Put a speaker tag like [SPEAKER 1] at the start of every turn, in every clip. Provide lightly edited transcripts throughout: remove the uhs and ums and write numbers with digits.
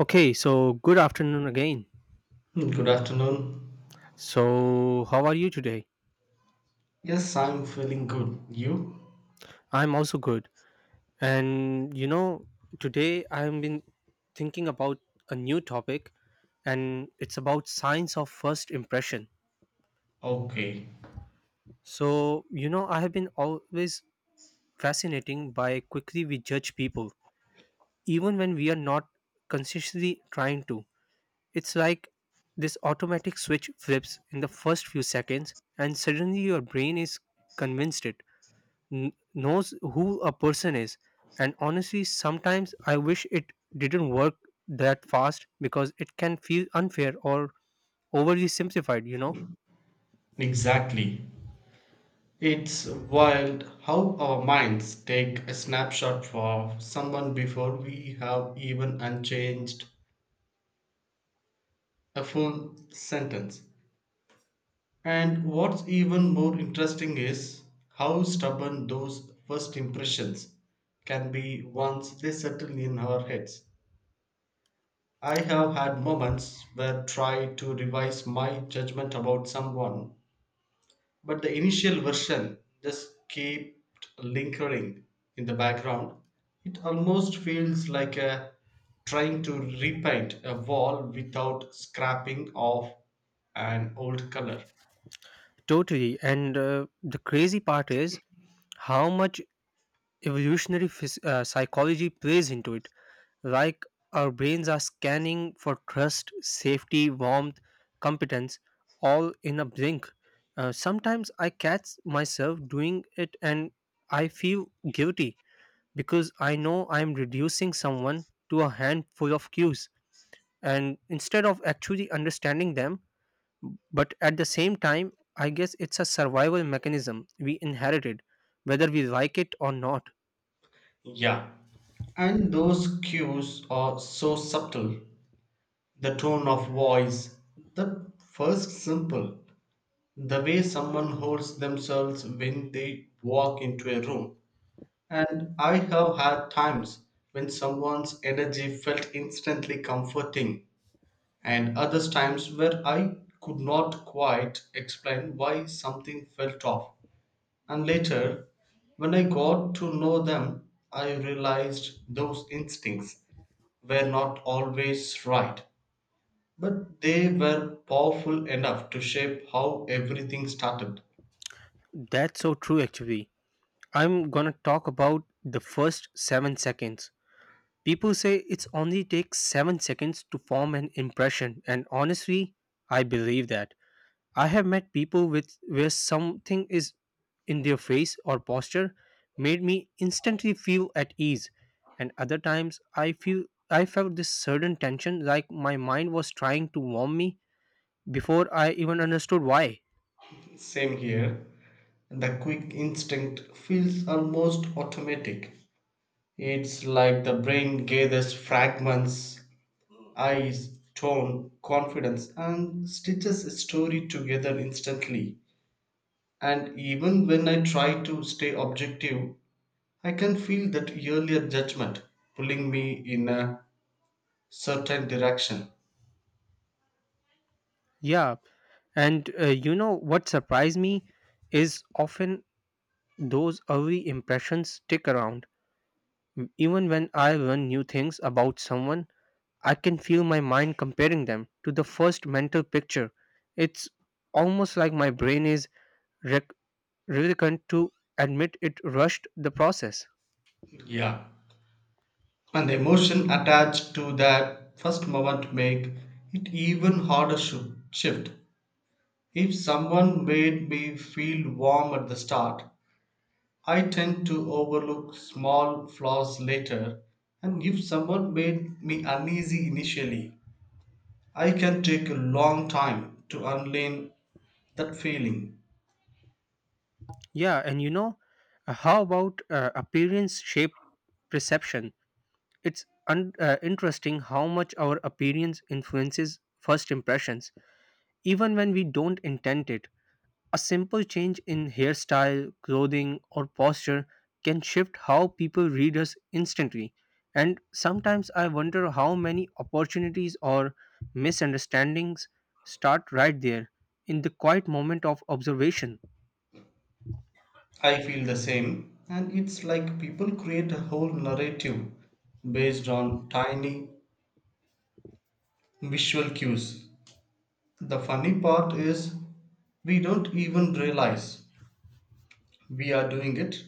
[SPEAKER 1] Okay, so good afternoon again.
[SPEAKER 2] Hmm, good afternoon.
[SPEAKER 1] So, how are you today?
[SPEAKER 2] Yes, I'm feeling good. You?
[SPEAKER 1] I'm also good. And today I've been thinking about a new topic and it's about signs of first impression.
[SPEAKER 2] Okay,
[SPEAKER 1] So, I have been always fascinating by quickly we judge people even when we are not consciously trying to. It's like this automatic switch flips in the first few seconds and suddenly your brain is convinced it knows who a person is, and honestly sometimes I wish it didn't work that fast because it can feel unfair or overly simplified.
[SPEAKER 2] exactly. It's wild how our minds take a snapshot for someone before we have even unchanged a full sentence. And what's even more interesting is how stubborn those first impressions can be once they settle in our heads. I have had moments where try to revise my judgment about someone but the initial version just kept lingering in the background. It almost feels like a trying to repaint a wall without scrapping off an old color.
[SPEAKER 1] Totally, and the crazy part is how much evolutionary psychology plays into it, like our brains are scanning for trust, safety, warmth, competence, all in a blink. Sometimes I catch myself doing it and I feel guilty because I know I'm reducing someone to a handful of cues, and instead of actually understanding them. But at the same time, I guess it's a survival mechanism we inherited, whether we like it or not.
[SPEAKER 2] Yeah, and those cues are so subtle. The tone of voice, the first simple, the way someone holds themselves when they walk into a room. And I have had times when someone's energy felt instantly comforting, and others times where I could not quite explain why something felt off. And later, when I got to know them, I realized those instincts were not always right, but they were powerful enough to shape how everything started.
[SPEAKER 1] That's so true, actually. I'm gonna talk about the first 7 seconds. People say it's only takes 7 seconds to form an impression, and honestly, I believe that I have met people with where something is in their face or posture made me instantly feel at ease, and other times I felt this sudden tension, like my mind was trying to warn me before I even understood why.
[SPEAKER 2] Same here, the quick instinct feels almost automatic. It's like the brain gathers fragments, eyes, tone, confidence, and stitches a story together instantly. And even when I try to stay objective, I can feel that earlier judgment pulling me in a certain direction.
[SPEAKER 1] Yeah, and you know what surprised me is often those early impressions stick around, even when I learn new things about someone I can feel my mind comparing them to the first mental picture. It's almost like my brain is rec- reluctant to admit it rushed the process.
[SPEAKER 2] Yeah. And the emotion attached to that first moment make it even harder to shift. If someone made me feel warm at the start, I tend to overlook small flaws later, and if someone made me uneasy initially, I can take a long time to unlearn that feeling.
[SPEAKER 1] Yeah, and how about appearance shape perception? It's interesting how much our appearance influences first impressions, even when we don't intend it. A simple change in hairstyle, clothing, or posture can shift how people read us instantly. And sometimes I wonder how many opportunities or misunderstandings start right there, in the quiet moment of observation.
[SPEAKER 2] I feel the same, and it's like people create a whole narrative based on tiny visual cues. The funny part is, we don't even realize we are doing it.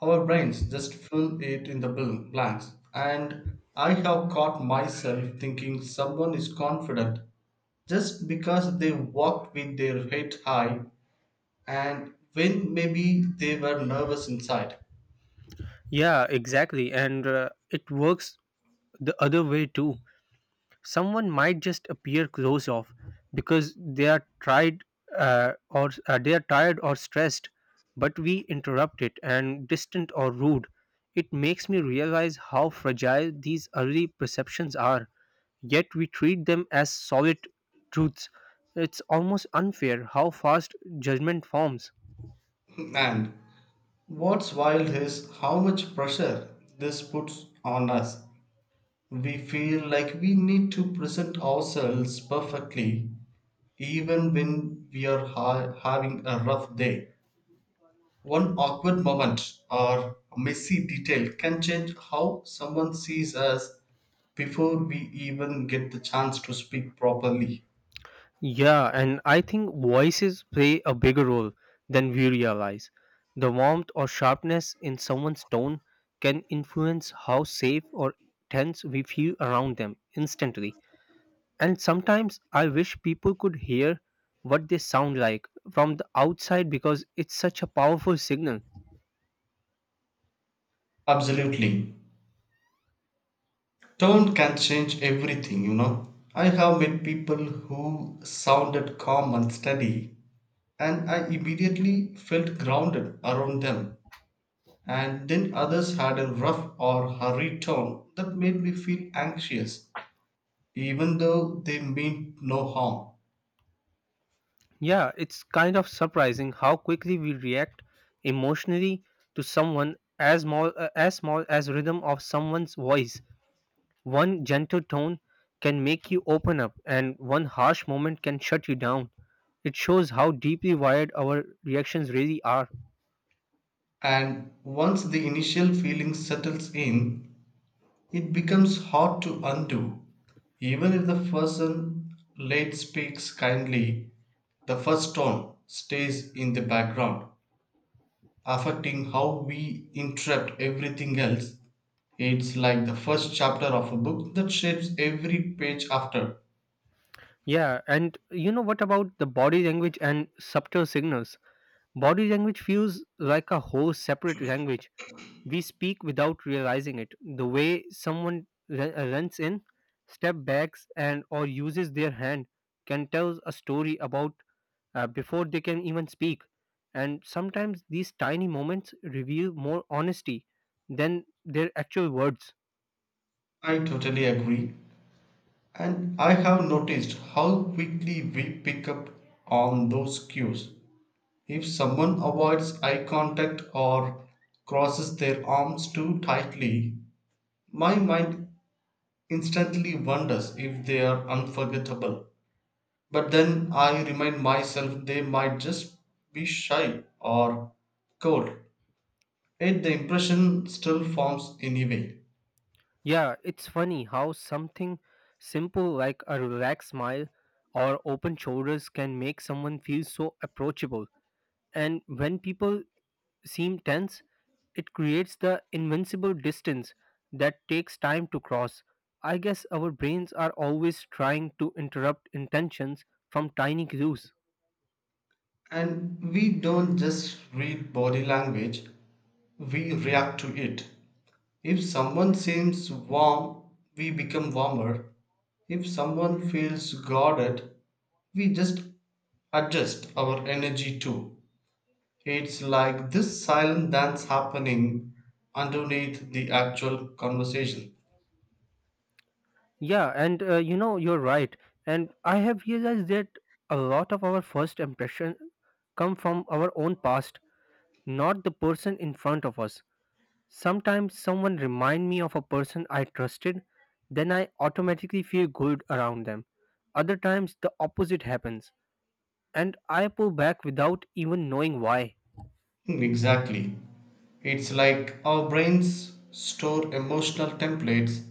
[SPEAKER 2] Our brains just fill it in the blanks. And I have caught myself thinking someone is confident just because they walked with their head high and when maybe they were nervous inside.
[SPEAKER 1] Yeah, exactly. And it works the other way too. Someone might just appear closed off because they are tired or stressed, but we interrupt it and distant or rude. It makes me realize how fragile these early perceptions are, yet we treat them as solid truths. It's almost unfair how fast judgment forms.
[SPEAKER 2] And what's wild is how much pressure this puts on us. We feel like we need to present ourselves perfectly even when we are having a rough day. One awkward moment or messy detail can change how someone sees us before we even get the chance to speak properly.
[SPEAKER 1] Yeah, and I think voices play a bigger role than we realize. The warmth or sharpness in someone's tone can influence how safe or tense we feel around them instantly. And sometimes I wish people could hear what they sound like from the outside, because it's such a powerful signal.
[SPEAKER 2] Absolutely. Tone can change everything, you know. I have met people who sounded calm and steady, and I immediately felt grounded around them. And then others had a rough or hurried tone that made me feel anxious, even though they meant no harm.
[SPEAKER 1] Yeah, it's kind of surprising how quickly we react emotionally to someone as small as rhythm of someone's voice. One gentle tone can make you open up, and one harsh moment can shut you down. It shows how deeply wired our reactions really are.
[SPEAKER 2] And once the initial feeling settles in, it becomes hard to undo. Even if the person late speaks kindly, the first tone stays in the background, affecting how we interpret everything else. It's like the first chapter of a book that shapes every page after.
[SPEAKER 1] Yeah, and what about the body language and subtle signals? Body language feels like a whole separate language. We speak without realizing it. The way someone runs in, step backs, and or uses their hand can tell a story about before they can even speak. And sometimes these tiny moments reveal more honesty than their actual words.
[SPEAKER 2] I totally agree. And I have noticed how quickly we pick up on those cues. If someone avoids eye contact or crosses their arms too tightly, my mind instantly wonders if they are unforgettable. But then I remind myself they might just be shy or cold, yet the impression still forms anyway.
[SPEAKER 1] Yeah, it's funny how something simple like a relaxed smile or open shoulders can make someone feel so approachable. And when people seem tense, it creates the invincible distance that takes time to cross. I guess our brains are always trying to interrupt intentions from tiny clues.
[SPEAKER 2] And we don't just read body language, we react to it. If someone seems warm, we become warmer. If someone feels guarded, we just adjust our energy too. It's like this silent dance happening underneath the actual conversation.
[SPEAKER 1] Yeah, and you're right. And I have realized that a lot of our first impressions come from our own past, not the person in front of us. Sometimes someone remind me of a person I trusted, then I automatically feel good around them. Other times the opposite happens and I pull back without even knowing why.
[SPEAKER 2] Hmm, exactly. It's like our brains store emotional templates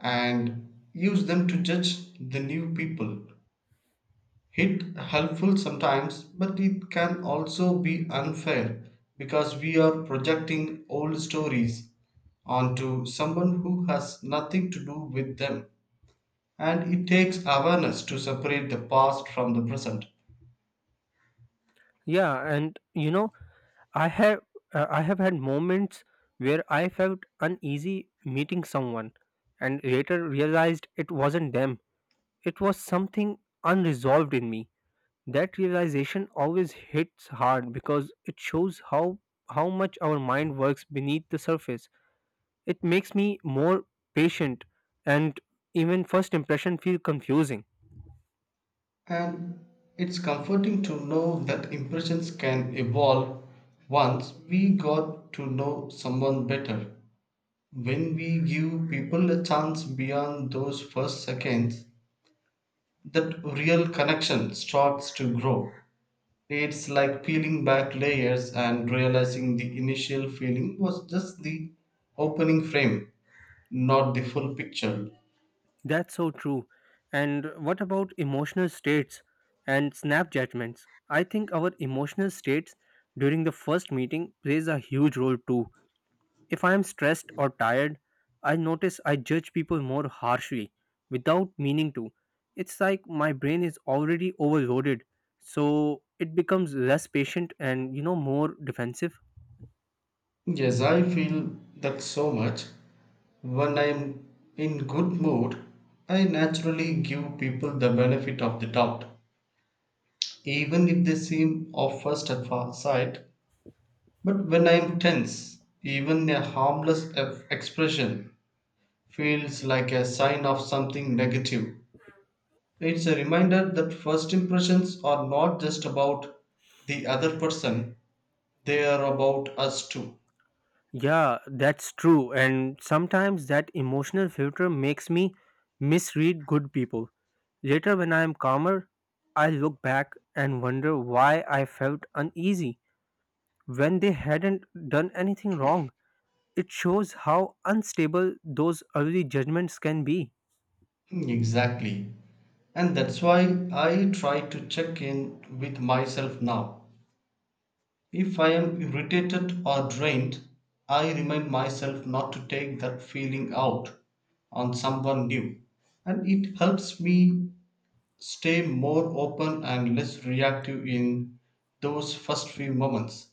[SPEAKER 2] and use them to judge the new people. It helpful sometimes but it can also be unfair because we are projecting old stories onto someone who has nothing to do with them, and it takes awareness to separate the past from the present.
[SPEAKER 1] Yeah, and I have I have had moments where I felt uneasy meeting someone and later realized it wasn't them. It was something unresolved in me. That realization always hits hard because it shows how much our mind works beneath the surface. It makes me more patient, and even first impression feel confusing.
[SPEAKER 2] And it's comforting to know that impressions can evolve once we got to know someone better. When we give people a chance beyond those first seconds, that real connection starts to grow. It's like peeling back layers and realizing the initial feeling was just the opening frame, not the full picture.
[SPEAKER 1] That's so true. And what about emotional states and snap judgments? I think our emotional states during the first meeting plays a huge role too. If I am stressed or tired, I notice I judge people more harshly without meaning to. It's like my brain is already overloaded, so it becomes less patient and more defensive.
[SPEAKER 2] Yes, I feel that so much. When I'm in good mood, I naturally give people the benefit of the doubt, even if they seem off first at first sight. But when I'm tense, even a harmless expression feels like a sign of something negative. It's a reminder that first impressions are not just about the other person, they are about us too.
[SPEAKER 1] Yeah, that's true. And sometimes that emotional filter makes me misread good people. Later, when I am calmer, I look back and wonder why I felt uneasy when they hadn't done anything wrong. It shows how unstable those early judgments can be.
[SPEAKER 2] Hmm, exactly. And that's why I try to check in with myself now. If I am irritated or drained, I remind myself not to take that feeling out on someone new. And it helps me stay more open and less reactive in those first few moments.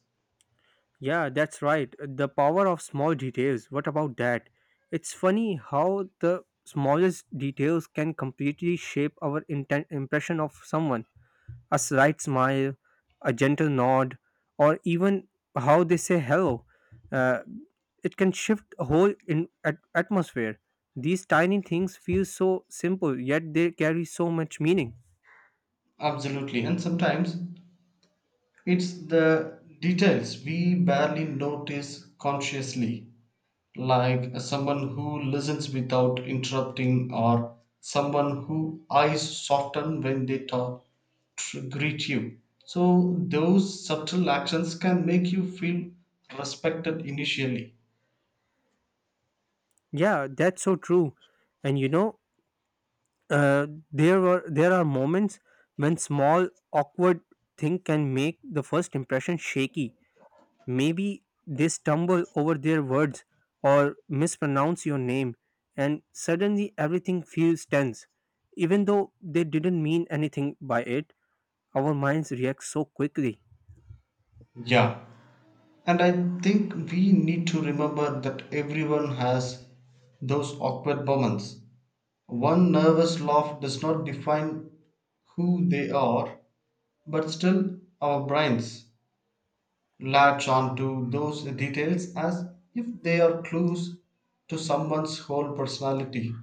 [SPEAKER 1] Yeah, that's right. The power of small details. What about that? It's funny how the smallest details can completely shape our impression of someone: a slight smile, a gentle nod, or even how they say hello. Uh, it can shift a whole atmosphere. These tiny things feel so simple, yet they carry so much meaning.
[SPEAKER 2] Absolutely. And sometimes it's the details we barely notice consciously, like someone who listens without interrupting or someone who eyes soften when they talk greet you. So those subtle actions can make you feel respected initially.
[SPEAKER 1] Yeah, that's so true. And there are moments when small awkward thing can make the first impression shaky. Maybe they stumble over their words or mispronounce your name, and suddenly everything feels tense. Even though they didn't mean anything by it, our minds react so quickly.
[SPEAKER 2] Yeah. And I think we need to remember that everyone has those awkward moments. One nervous laugh does not define who they are, but still our brains latch on to those details as if they are clues to someone's whole personality.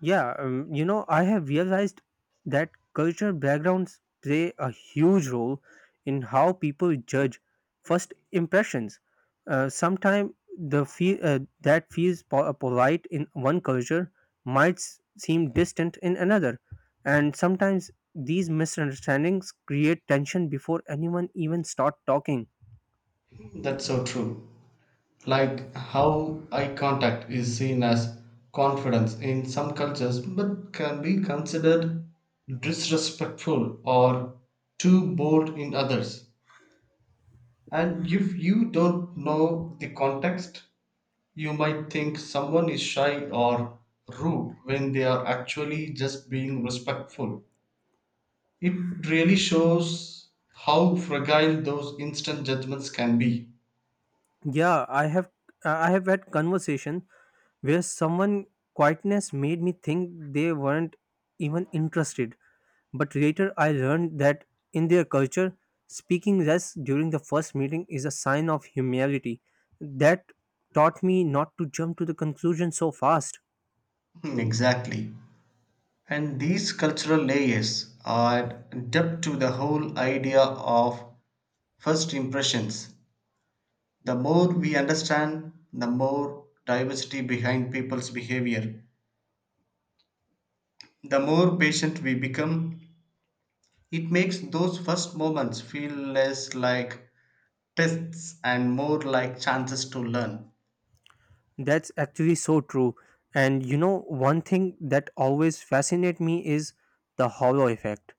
[SPEAKER 1] Yeah, I have realized that cultural backgrounds play a huge role in how people judge first impressions. Sometimes the feel that polite in one culture might seem distant in another, and sometimes these misunderstandings create tension before anyone even start talking.
[SPEAKER 2] That's so true. Like how eye contact is seen as confidence in some cultures but can be considered disrespectful or too bold in others. And if you don't know the context, you might think someone is shy or rude when they are actually just being respectful. It really shows how fragile those instant judgments can be.
[SPEAKER 1] Yeah, I have had conversation where someone quietness made me think they weren't even interested. But later I learned that in their culture, speaking less during the first meeting is a sign of humility. That taught me not to jump to the conclusion so fast.
[SPEAKER 2] Hmm, exactly. And these cultural layers add depth to the whole idea of first impressions. The more we understand, the more diversity behind people's behavior, the more patient we become. It makes those first moments feel less like tests and more like chances to learn.
[SPEAKER 1] That's actually so true. And one thing that always fascinates me is the hollow effect.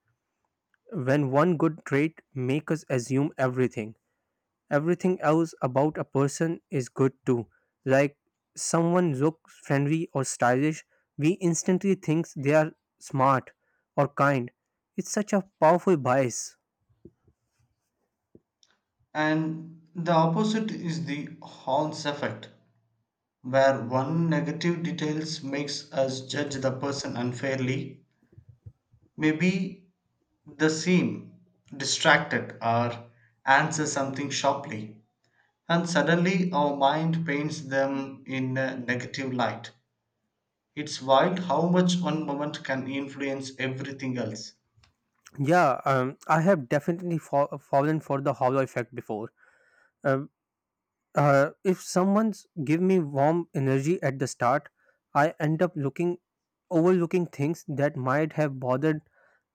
[SPEAKER 1] When one good trait makes us assume everything else about a person is good too. Like someone looks friendly or stylish, we instantly think they are smart or kind. It's such a powerful bias.
[SPEAKER 2] And the opposite is the horns effect, where one negative details makes us judge the person unfairly. Maybe the seem distracted or answer something sharply, and suddenly our mind paints them in a negative light. It's wild how much one moment can influence everything else.
[SPEAKER 1] Yeah, I have definitely fallen for the hollow effect before. Uh, if someone's give me warm energy at the start, I end up looking overlooking things that might have bothered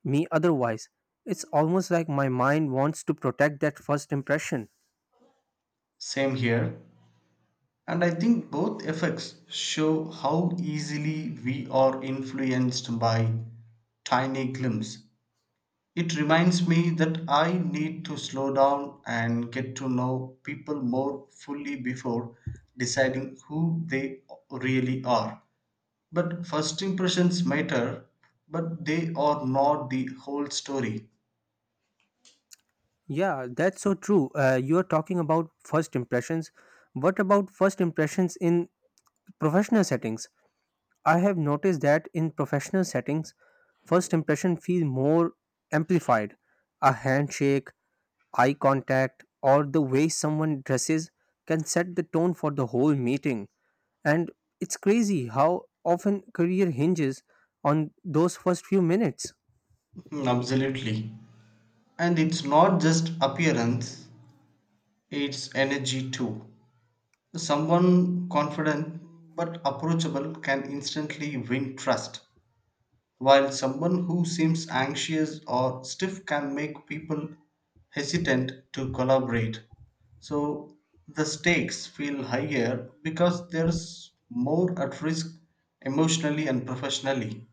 [SPEAKER 1] me otherwise. It's almost like my mind wants to protect that first impression.
[SPEAKER 2] Same here. And I think both effects show how easily we are influenced by tiny glimpse. It reminds me that I need to slow down and get to know people more fully before deciding who they really are. But first impressions matter, but they are not the whole story.
[SPEAKER 1] Yeah, that's so true. You're talking about first impressions. What about first impressions in professional settings? I have noticed that in professional settings, first impression feel more amplified. A handshake, eye contact, or the way someone dresses can set the tone for the whole meeting. And it's crazy how often career hinges on those first few minutes.
[SPEAKER 2] Mm, absolutely. And it's not just appearance, it's energy too. Someone confident but approachable can instantly win trust, while someone who seems anxious or stiff can make people hesitant to collaborate. So the stakes feel higher because there's more at risk emotionally and professionally.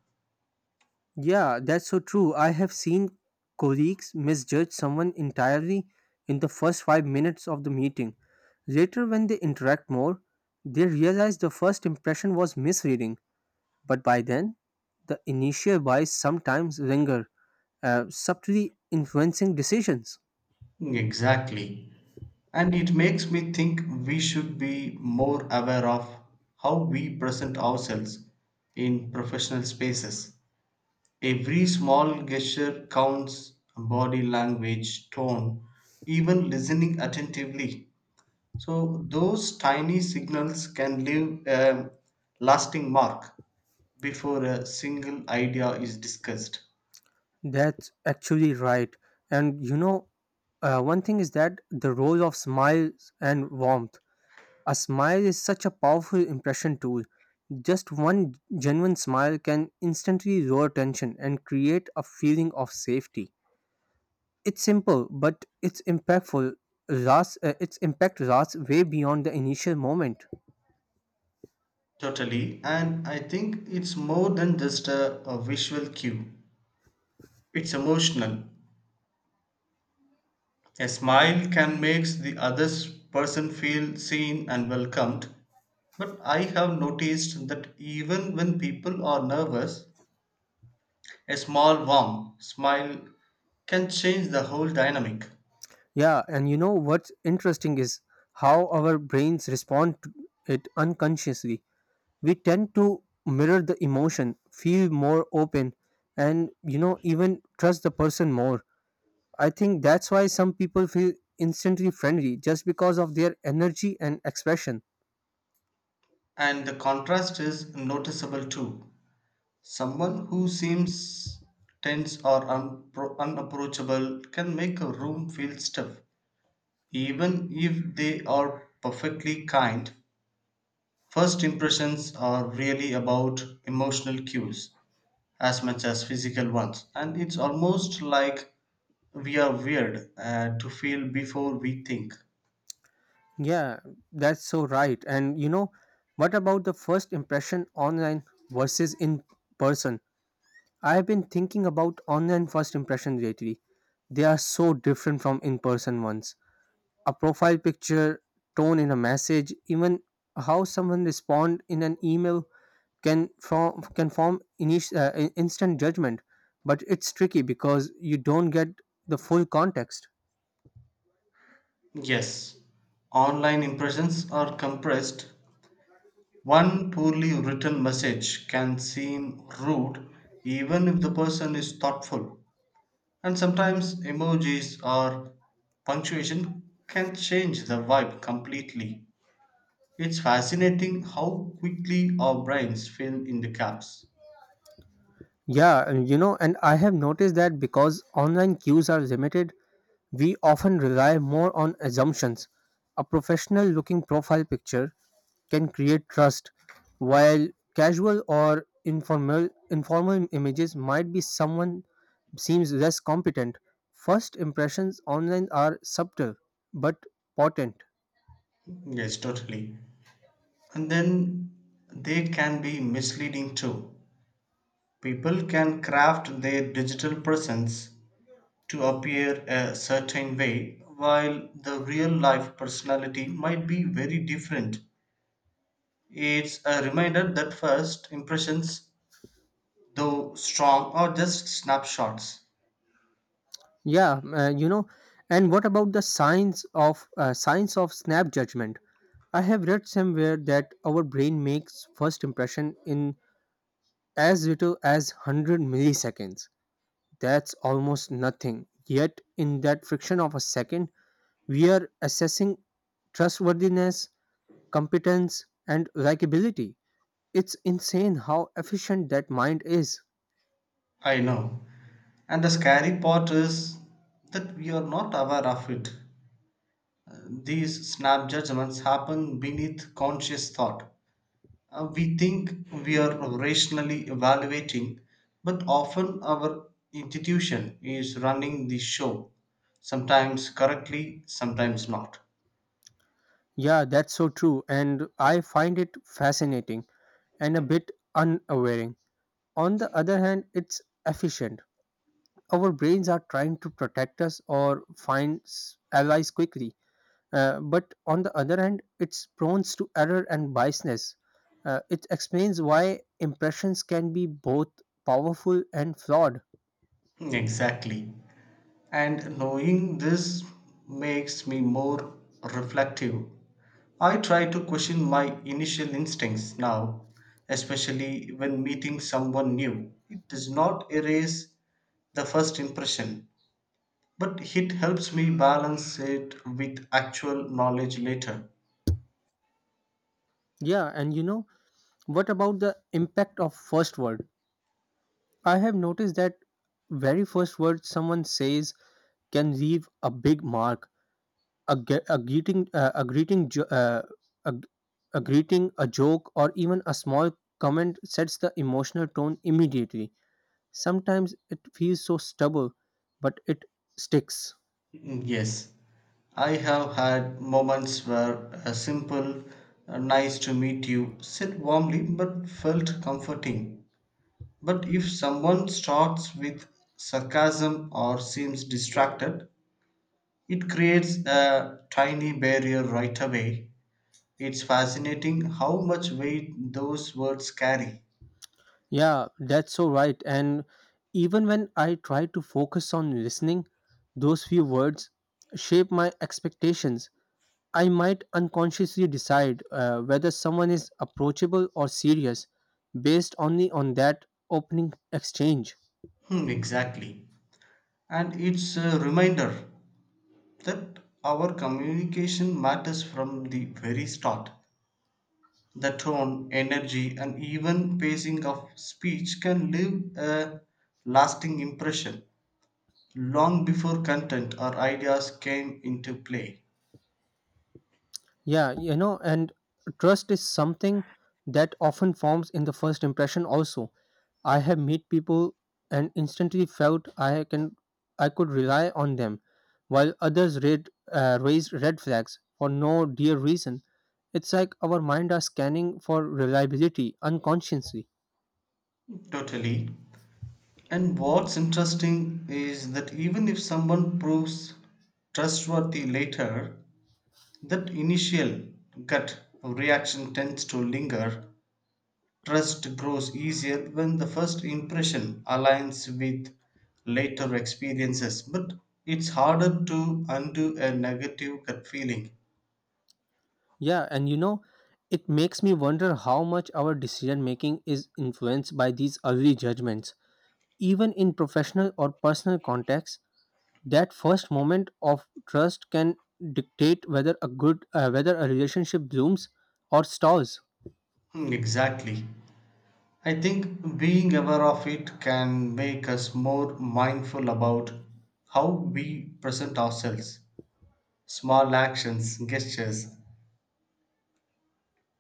[SPEAKER 1] Yeah, that's so true. I have seen colleagues misjudge someone entirely in the first 5 minutes of the meeting. Later, when they interact more, they realize the first impression was misleading, but by then, the initial bias sometimes linger, subtly influencing decisions.
[SPEAKER 2] Exactly. And it makes me think we should be more aware of how we present ourselves in professional spaces. Every small gesture counts body language, tone, even listening attentively. So, those tiny signals can leave a lasting mark before a single idea is discussed.
[SPEAKER 1] That's actually right. And one thing is that the role of smiles and warmth. A smile is such a powerful impression tool. Just one genuine smile can instantly lower tension and create a feeling of safety. It's simple, but its impact lasts way beyond the initial moment.
[SPEAKER 2] Totally. And I think it's more than just a visual cue, it's emotional. A smile can make the other person feel seen and welcomed, but I have noticed that even when people are nervous, a small warm smile can change the whole dynamic,
[SPEAKER 1] Yeah, and you know what's interesting is how our brains respond to it unconsciously. We tend to mirror the emotion, feel more open, and even trust the person more. I think that's why some people feel instantly friendly just because of their energy and expression.
[SPEAKER 2] and the contrast is noticeable too. Someone who seems tense or unapproachable can make a room feel stiff, even if they are perfectly kind. First impressions are really about emotional cues as much as physical ones, and it's almost like we are weird to feel before we think.
[SPEAKER 1] Yeah, that's so right. And what about the first impression online versus in person? I have been thinking about online first impression lately. They are so different from in person ones. A profile picture, tone in a message, even how someone respond in an email can form instant judgment, but it's tricky because you don't get the full context.
[SPEAKER 2] Yes, online impressions are compressed. One poorly written message can seem rude even if the person is thoughtful, and sometimes emojis or punctuation can change the vibe completely. It's fascinating how quickly our brains fill in the gaps.
[SPEAKER 1] Yeah, and you know and I have noticed that because online cues are limited we often rely more on assumptions. A professional looking profile picture can create trust, while casual or informal images might be someone seems less competent. First impressions online are subtle, but potent.
[SPEAKER 2] Yes, totally. And then they can be misleading too. People can craft their digital presence to appear a certain way, while the real life personality might be very different. It's a reminder that first impressions, though strong, are just snapshots.
[SPEAKER 1] Yeah, you know, and what about the science of snap judgment? I have read somewhere that our brain makes first impression in as little as 100 milliseconds. That's almost nothing. Yet in that fraction of a second, we are assessing trustworthiness, competence, and likability. It's insane how efficient that mind is.
[SPEAKER 2] I know. And the scary part is that we are not aware of it. These snap judgments happen beneath conscious thought. We think we are rationally evaluating, but often our institution is running the show, sometimes correctly, sometimes not.
[SPEAKER 1] Yeah, that's so true, and I find it fascinating and a bit unaware. On the other hand, it's efficient. Our brains are trying to protect us or find allies quickly. But on the other hand, it's prone to error and biasness. It explains why impressions can be both powerful and flawed.
[SPEAKER 2] Hmm, exactly. And knowing this makes me more reflective. I try to question my initial instincts now, especially when meeting someone new. It does not erase the first impression, but it helps me balance it with actual knowledge later.
[SPEAKER 1] Yeah, and what about the impact of first word? I have noticed that very first word someone says can leave a big mark: a greeting a, a joke or even a small comment sets the emotional tone immediately. Sometimes it feels so stubborn but it sticks.
[SPEAKER 2] Yes, I have had moments where a simple nice to meet you said warmly but felt comforting. But if someone starts with sarcasm or seems distracted, it creates a tiny barrier right away. It's fascinating how much weight those words carry.
[SPEAKER 1] Yeah, that's so right. And even when I try to focus on listening, those few words shape my expectations. I might unconsciously decide whether someone is approachable or serious, based only on that opening exchange.
[SPEAKER 2] Hmm, exactly. And it's a reminder that our communication matters from the very start. The tone, energy, and even pacing of speech can leave a lasting impression long before content or ideas came into play.
[SPEAKER 1] Yeah, you know, and trust is something that often forms in the first impression also. I have met people and instantly felt I could rely on them, while others raised red flags for no dear reason. It's like our mind are scanning for reliability unconsciously.
[SPEAKER 2] Totally. And what's interesting is that even if someone proves trustworthy later, that initial gut reaction tends to linger. Trust grows easier when the first impression aligns with later experiences, but it's harder to undo a negative gut feeling.
[SPEAKER 1] Yeah, and it makes me wonder how much our decision making is influenced by these early judgments. Even in professional or personal contexts, that first moment of trust can dictate whether a relationship blooms or stalls.
[SPEAKER 2] Hmm, exactly. I think being aware of it can make us more mindful about how we present ourselves. Small actions, gestures,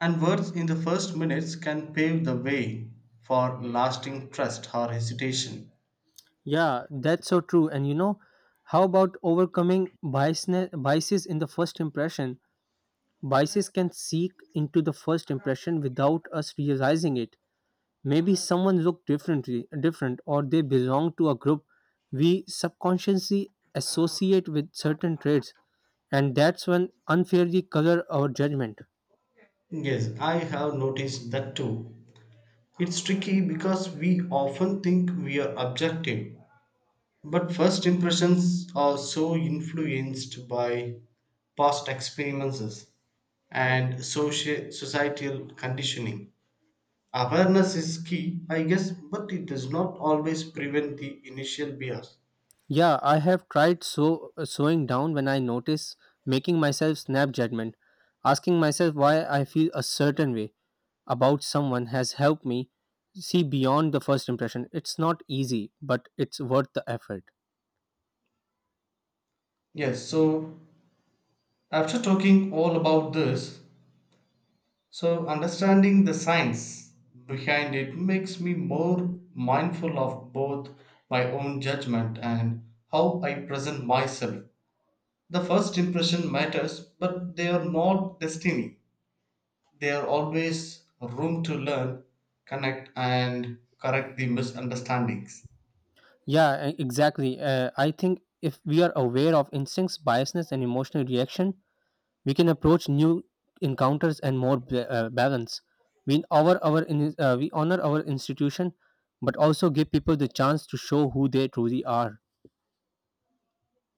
[SPEAKER 2] and words in the first minutes can pave the way for lasting trust or hesitation.
[SPEAKER 1] Yeah, that's so true. And how about overcoming biases in the first impression? Biases can seep into the first impression without us realizing it. Maybe someone looked different or they belong to a group we subconsciously associate with certain traits, and that's when unfairly color our judgment.
[SPEAKER 2] Yes, I have noticed that too. It's tricky because we often think we are objective. But first impressions are so influenced by past experiences and societal conditioning. Awareness is key, I guess, but it does not always prevent the initial bias.
[SPEAKER 1] Yeah, I have tried so slowing down when I notice making myself snap judgment. Asking myself why I feel a certain way about someone has helped me see beyond the first impression. It's not easy, but it's worth the effort.
[SPEAKER 2] Yes, so after talking all about this, so understanding the science behind it makes me more mindful of both my own judgment and how I present myself. The first impression matters, but they are not destiny. There are always room to learn, connect, and correct the misunderstandings.
[SPEAKER 1] Yeah, exactly. I think if we are aware of instincts, biasness, and emotional reaction, we can approach new encounters and more balance. We honor our institution, but also give people the chance to show who they truly are.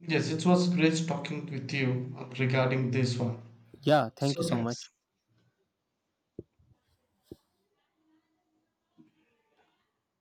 [SPEAKER 2] Yes, it was great talking with you regarding this one.
[SPEAKER 1] Yeah, thank you
[SPEAKER 2] So,
[SPEAKER 1] so much.
[SPEAKER 2] thanks.